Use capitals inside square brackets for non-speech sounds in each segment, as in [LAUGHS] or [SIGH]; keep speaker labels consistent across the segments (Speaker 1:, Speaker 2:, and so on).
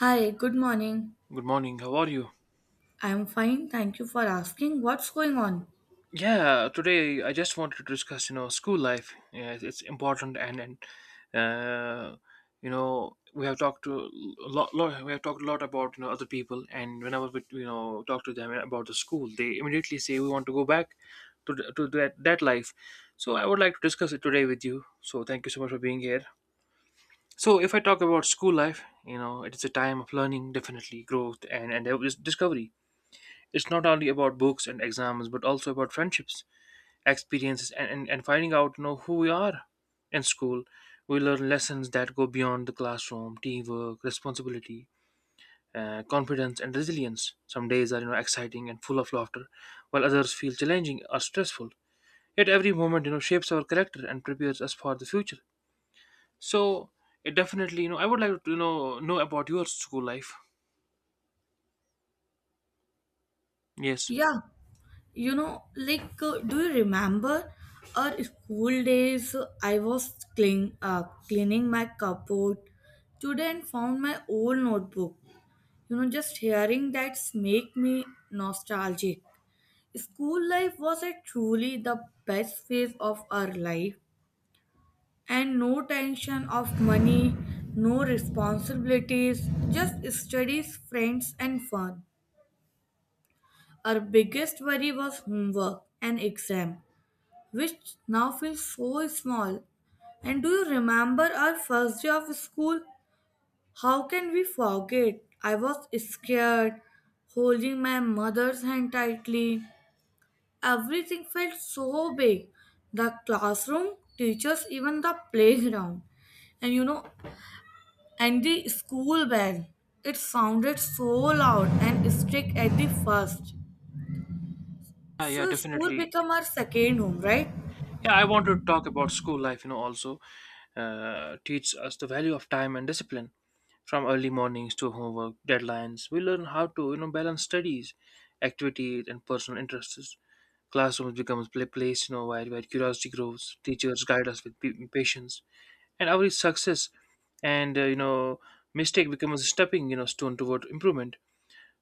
Speaker 1: Hi, good morning.
Speaker 2: Good morning. How are you?
Speaker 1: I'm fine, thank you for asking. What's going on?
Speaker 2: Yeah, today I just wanted to discuss, you know, school life. Yeah, it's important, and uh, you know, we have talked to a lot. We have talked a lot about you know other people, and whenever we you know talk to them about the school, they immediately say we want to go back to that life. So I would like to discuss it today with you. So thank you so much for being here. So if I talk about school life, you know, it is a time of learning, definitely growth, and there was discovery. It's not only about books and exams, but also about friendships, experiences, and finding out you know, who we are. In school, we learn lessons that go beyond the classroom teamwork, responsibility, confidence, and resilience. Some days are you know, exciting and full of laughter, while others feel challenging or stressful. Yet every moment you know, shapes our character and prepares us for the future. So, it definitely, you know, I would like to you know about your school life. Yes.
Speaker 1: Yeah, you know, like, do you remember our school days? I was cleaning my cupboard today and found my old notebook. You know, just hearing that make me nostalgic. School life was a truly the best phase of our life, and no tension of money, no responsibilities, just studies, friends, and fun. Our biggest worry was homework and exam, which now feels so small. And do you remember our first day of school? How can we forget? I was scared, holding my mother's hand tightly. Everything felt so big, the classroom, teachers, even the playground. And you know, and the school bell. It sounded so loud and strict at the first.
Speaker 2: Yeah, yeah,
Speaker 1: So school
Speaker 2: definitely.
Speaker 1: become our second home, right?
Speaker 2: Yeah, I want to talk about school life, you know, also teach us the value of time and discipline. From early mornings to homework, deadlines, we learn how to, you know, balance studies, activities, and personal interests. Classrooms becomes a place, you know, where curiosity grows. Teachers guide us with patience, and every success and you know mistake becomes a stepping you know stone toward improvement.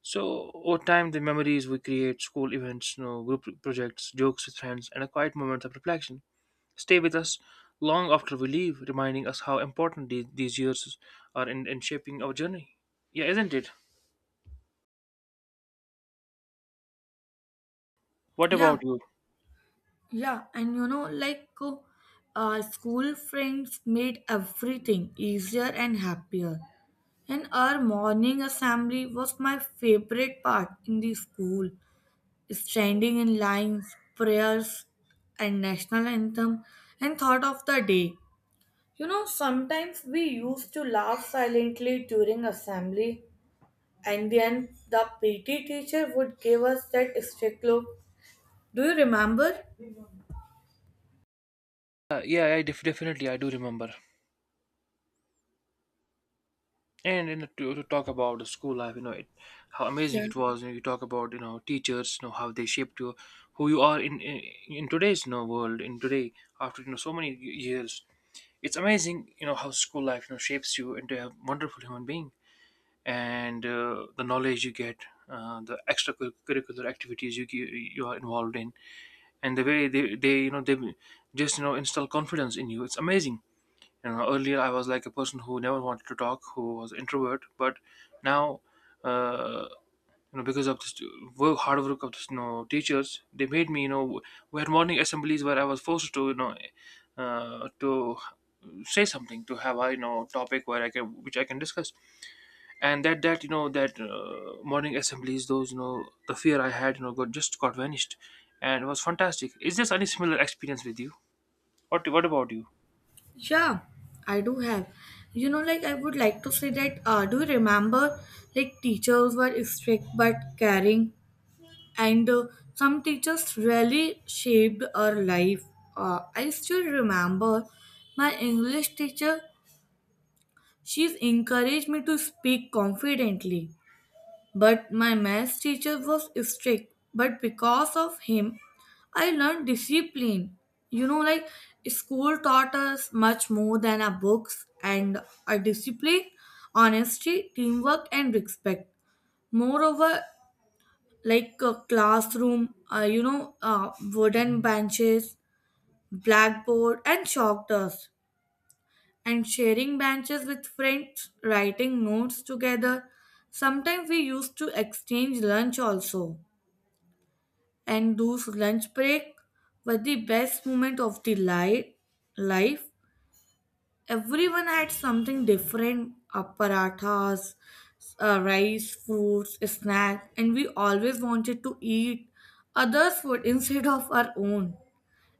Speaker 2: So over time, the memories we create, school events, you know, group projects, jokes with friends, and a quiet moment of reflection stay with us long after we leave, reminding us how important these years are in shaping our journey. Yeah, isn't it? What
Speaker 1: Yeah,
Speaker 2: about you?
Speaker 1: yeah, and you know, like our school friends made everything easier and happier. And our morning assembly was my favorite part in the school. Standing in lines, prayers, and national anthem, and thought of the day. You know, sometimes we used to laugh silently during assembly, and then the PT teacher would give us that strict look. Do you remember?
Speaker 2: Yeah, definitely I do remember. And you know, to talk about the school life, you know, it, how amazing
Speaker 1: Yeah,
Speaker 2: it was. You, know, you talk about you know teachers, you know how they shaped you, who you are in today's you know, world. In today, after you know so many years, it's amazing. You know how school life you know shapes you into a wonderful human being. And the knowledge you get, the extracurricular activities you are involved in, and the way they you know they just you know install confidence in you. It's amazing. You know, earlier I was like a person who never wanted to talk, who was introvert, but now. Uh, you know, because of this work, hard work of this, you know, teachers, they made me, you know, we had morning assemblies where I was forced to, you know, to say something, to have a, you know, topic where I can, which I can discuss and that you know that morning assemblies those you know the fear I had you know got just got vanished and it was fantastic. Is there any similar experience with you? What about you?
Speaker 1: yeah, I do have. You know, like I would like to say that. Do you remember? Like teachers were strict but caring, and some teachers really shaped our life. I still remember my English teacher. She's encouraged me to speak confidently. But my maths teacher was strict, but because of him, I learned discipline. You know, like school taught us much more than our books and our discipline, honesty, teamwork, and respect. Moreover, like a classroom, wooden benches, blackboard, and chalk dust, and sharing benches with friends, writing notes together. Sometimes we used to exchange lunch also. And those lunch break were the best moment of the life. Everyone had something different: parathas, rice, fruits, snack, and we always wanted to eat others' food [LAUGHS] instead of our own.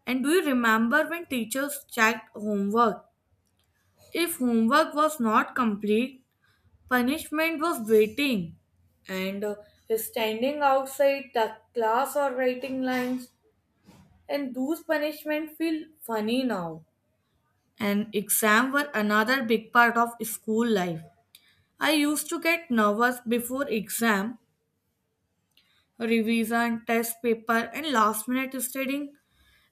Speaker 1: And do you remember when teachers checked homework? If homework was not complete, punishment was waiting, and standing outside the class or writing lines. And those punishments feel funny now. And exam were another big part of school life. I used to get nervous before exam, revision, test paper, and last minute studying.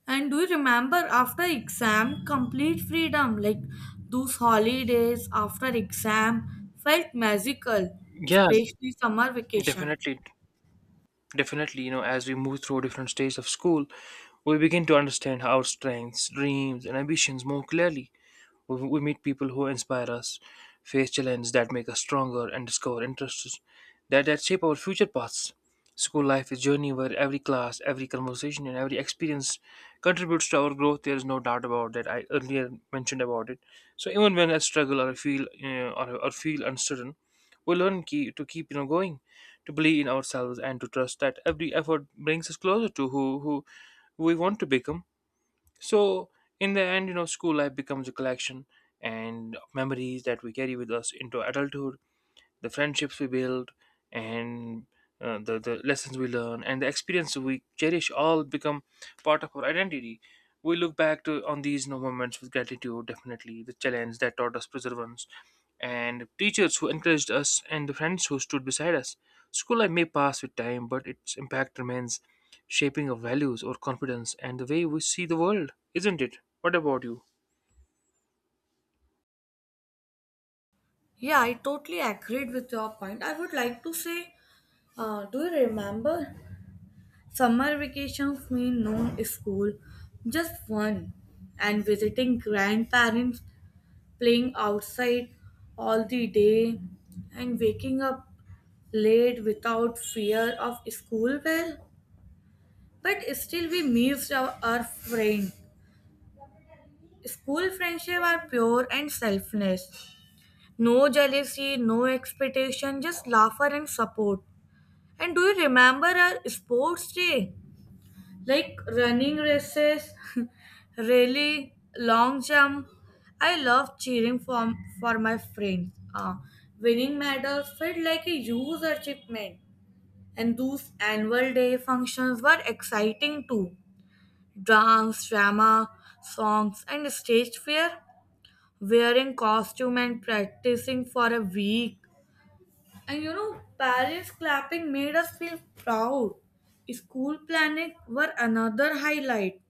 Speaker 1: And do you remember after exam, complete freedom? Like those holidays after exam felt magical,
Speaker 2: Yeah,
Speaker 1: especially summer vacation.
Speaker 2: definitely, definitely, you know, as we move through different stages of school we begin to understand our strengths, dreams, and ambitions more clearly. We meet people who inspire us, face challenges that make us stronger, and discover interests that shape our future paths. School life is a journey where every class, every conversation, and every experience contributes to our growth. There is no doubt about that. I earlier mentioned about it. So even when I struggle or I feel or feel uncertain, we learn key, to keep you know going, to believe in ourselves, and to trust that every effort brings us closer to who we want to become. So in the end, you know, school life becomes a collection and of memories that we carry with us into adulthood, the friendships we build, and the lessons we learn and the experiences we cherish all become part of our identity. We look back to on these you know, moments with gratitude, definitely the challenge that taught us perseverance and teachers who encouraged us and the friends who stood beside us. School life may pass with time, but its impact remains, shaping our values, our confidence, and the way we see the world, isn't it? What about you?
Speaker 1: Yeah, I totally agreed with your point. I would like to say, do you remember? Summer vacations mean no school, just fun, and visiting grandparents, playing outside all the day, and waking up late without fear of school bell. But still, we missed our friend. School friendship are pure and selfless. No jealousy, no expectation, just laughter and support. And do you remember our sports day? Like running races, [LAUGHS] really long jump. I love cheering for my friends. Winning medals felt like a huge achievement, and those annual day functions were exciting too. Dance, drama, songs, and stage fair, wearing costume and practicing for a week. And you know, Paris clapping made us feel proud. School planning were another highlight,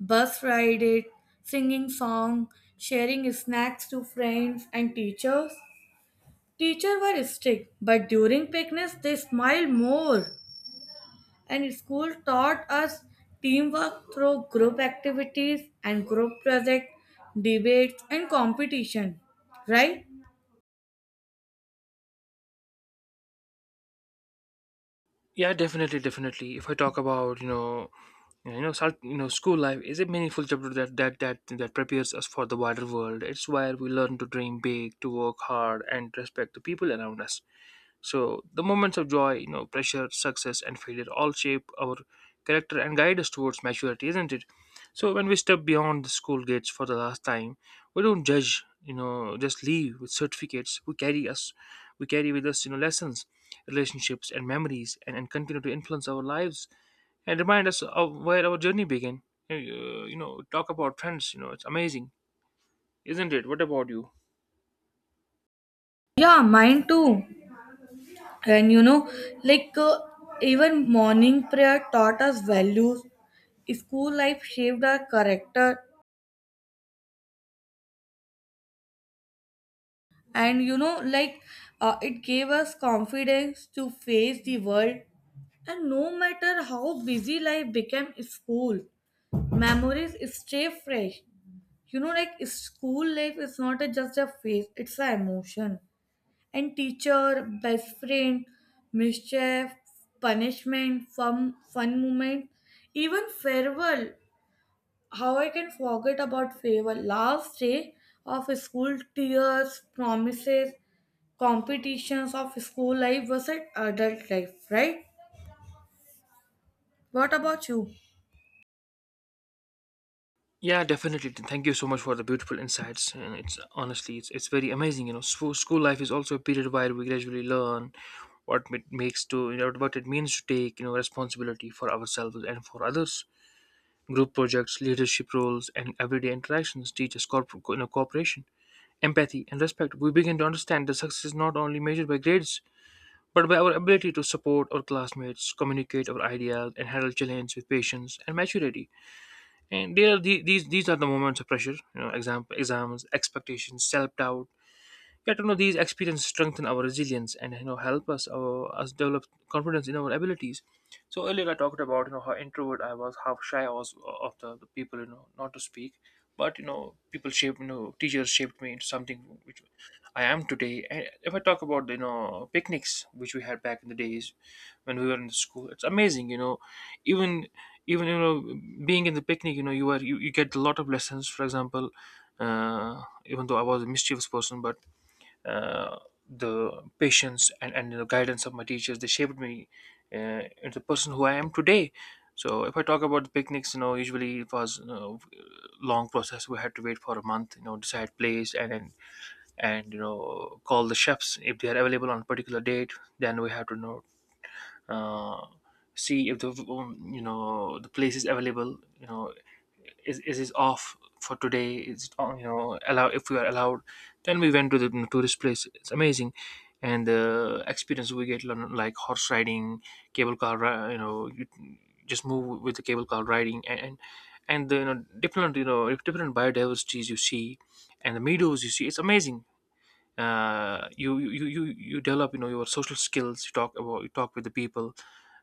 Speaker 1: bus ride it, singing song, sharing snacks to friends and teachers. Teachers were strict, but during picnics they smiled more. And school taught us teamwork through group activities and group projects, debates and competition. Right?
Speaker 2: Yeah, definitely, definitely. If I talk about, you know, you know, you know, school life is a meaningful chapter that prepares us for the wider world. It's where we learn to dream big, to work hard, and respect the people around us. So the moments of joy, you know, pressure, success, and failure all shape our character and guide us towards maturity, isn't it? So when we step beyond the school gates for the last time, we don't judge, you know, just leave with certificates. We carry with us, you know, lessons, relationships, and memories, and continue to influence our lives and remind us of where our journey began. You know, talk about friends. You know, it's amazing, isn't it? What about you?
Speaker 1: Yeah, mine too. And you know, like even morning prayer taught us values. School life shaped our character, and you know, like it gave us confidence to face the world, and no matter how busy life became, school memories stay fresh. You know, like school life is not a, just a phase, it's an emotion. And teacher best friend, mischief, punishment, fun moment, even farewell. How I can forget about favor? Last day of school, tears, promises, competitions of school life was an adult life, right? What about you?
Speaker 2: Yeah, definitely. Thank you so much for the beautiful insights. And it's honestly, it's very amazing. You know, school life is also a period where we gradually learn what it makes to you know what it means to take you know responsibility for ourselves and for others. Group projects, leadership roles, and everyday interactions teach us you know, cooperation, empathy, and respect. We begin to understand that success is not only measured by grades, but by our ability to support our classmates, communicate our ideas, and handle challenges with patience and maturity and they the, these are the moments of pressure, you know, exam exams, expectations, self-doubt. Yet, you know, these experiences strengthen our resilience and you know help us develop confidence in our abilities. So earlier I talked about you know how introvert I was, how shy I was of the people you know not to speak, but you know people shaped you know teachers shaped me into something which I am today. And if I talk about the, you know, picnics which we had back in the days when we were in the school, it's amazing. You know, even even you know being in the picnic, you know you get a lot of lessons. For example, even though I was a mischievous person, but uh, the patience and the guidance of my teachers they shaped me into the person who I am today. So if I talk about the picnics, you know, usually it was you know, long process. We had to wait for a month, you know, decide place and you know call the chefs if they are available on a particular date. Then we have to you know uh, see if the you know the place is available, you know, is it off for today, is you know allow if we are allowed. Then we went to the you know, tourist place. It's amazing. And the experience we get like horse riding, you know you just move with the cable car riding and the, you know different biodiversities you see and the meadows you see. It's amazing. You develop you know your social skills. You talk with the people.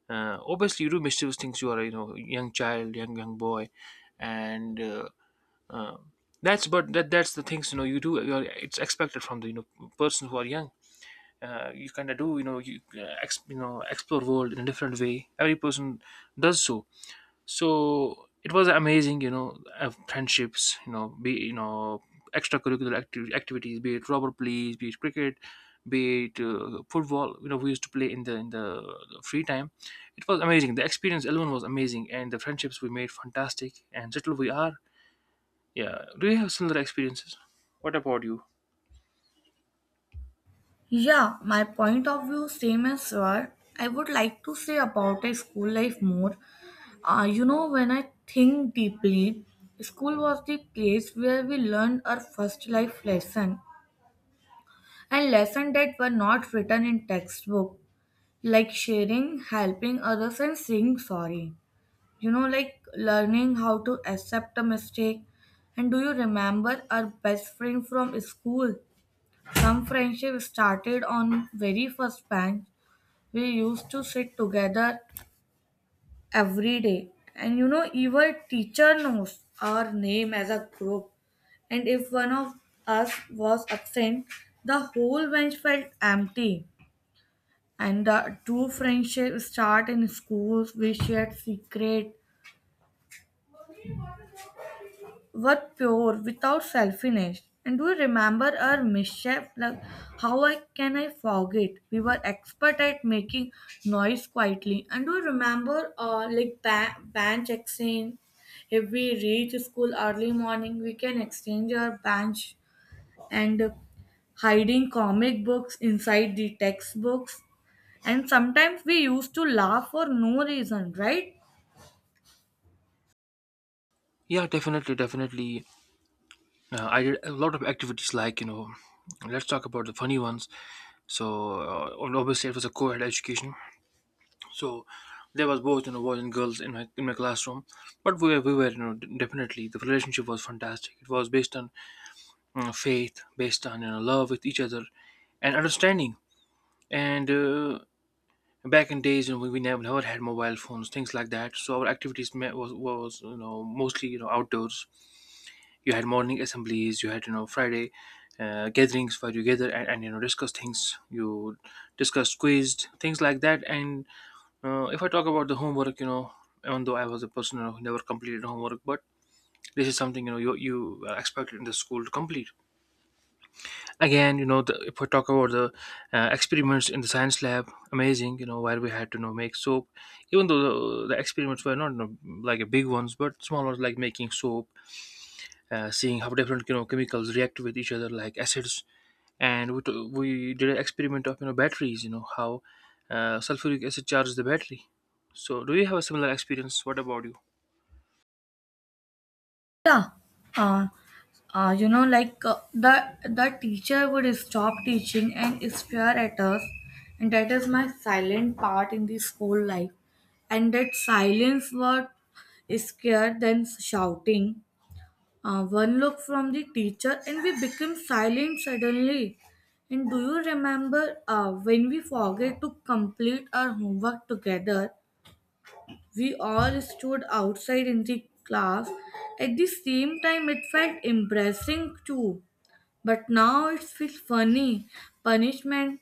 Speaker 2: Obviously you do mischievous things. You are you know young child, young boy, and uh, that's but that's the things, you know, you do. You are, it's expected from the you know persons who are young. You kind of do, you know, you know explore world in a different way. Every person does. So so it was amazing. You know, friendships, you know, be you know extracurricular activities, be it rubber plays, be it cricket, be it football. You know we used to play in the free time. It was amazing. The experience alone was amazing, and the friendships we made, fantastic, and still we are. Yeah, do you have similar experiences? What about you?
Speaker 1: Yeah, my point of view same as your. I would like to say about a school life more. You know, when I think deeply, school was the place where we learned our first life lesson and lessons that were not written in textbook. Like sharing, helping others, and saying sorry. You know, like learning how to accept a mistake. And do you remember our best friend from school? Some friendship started on very first bench. We used to sit together every day, and you know, even teacher knows our name as a group. And if one of us was absent, the whole bench felt empty. And the true friendship start in schools, we shared secret, were pure without selfishness. And do you remember our mischief? Like how I, can I forget, we were expert at making noise quietly. And do you remember like bench exchange? If we reach school early morning, we can exchange our bench, and hiding comic books inside the textbooks. And sometimes we used to laugh for no reason, right?
Speaker 2: Yeah, definitely, definitely. I did a lot of activities, like, you know, let's talk about the funny ones. So, obviously it was a co-ed education. So there was both you know boys and girls in my classroom, but we were you know definitely the relationship was fantastic. It was based on faith, based on you know love with each other and understanding. And back in days, you know, we never had mobile phones, things like that. So our activities was you know mostly you know outdoors. You had morning assemblies, you had you know Friday. Gatherings where you gather and you know discuss things, you discuss, quizzed, things like that. And if I talk about the homework, you know, even though I was a person you know who never completed homework, but this is something you know you are expected in the school to complete. Again, you know, the, if I talk about the experiments in the science lab, amazing, you know, where we had to you know make soap. Even though the experiments were not you know, like a big ones, but small ones like making soap, seeing how different you know chemicals react with each other, like acids. And we did an experiment of you know batteries, you know how sulfuric acid charges the battery. So do you have a similar experience? What about you?
Speaker 1: Yeah. Uh, you know, like the teacher would stop teaching and stare at us, and that is my silent part in the school life. And that silence was scared than shouting. One look from the teacher, and we became silent suddenly. And do you remember when we forget to complete our homework together? We all stood outside in the class. At the same time, it felt embarrassing too. But now it feels funny. Punishment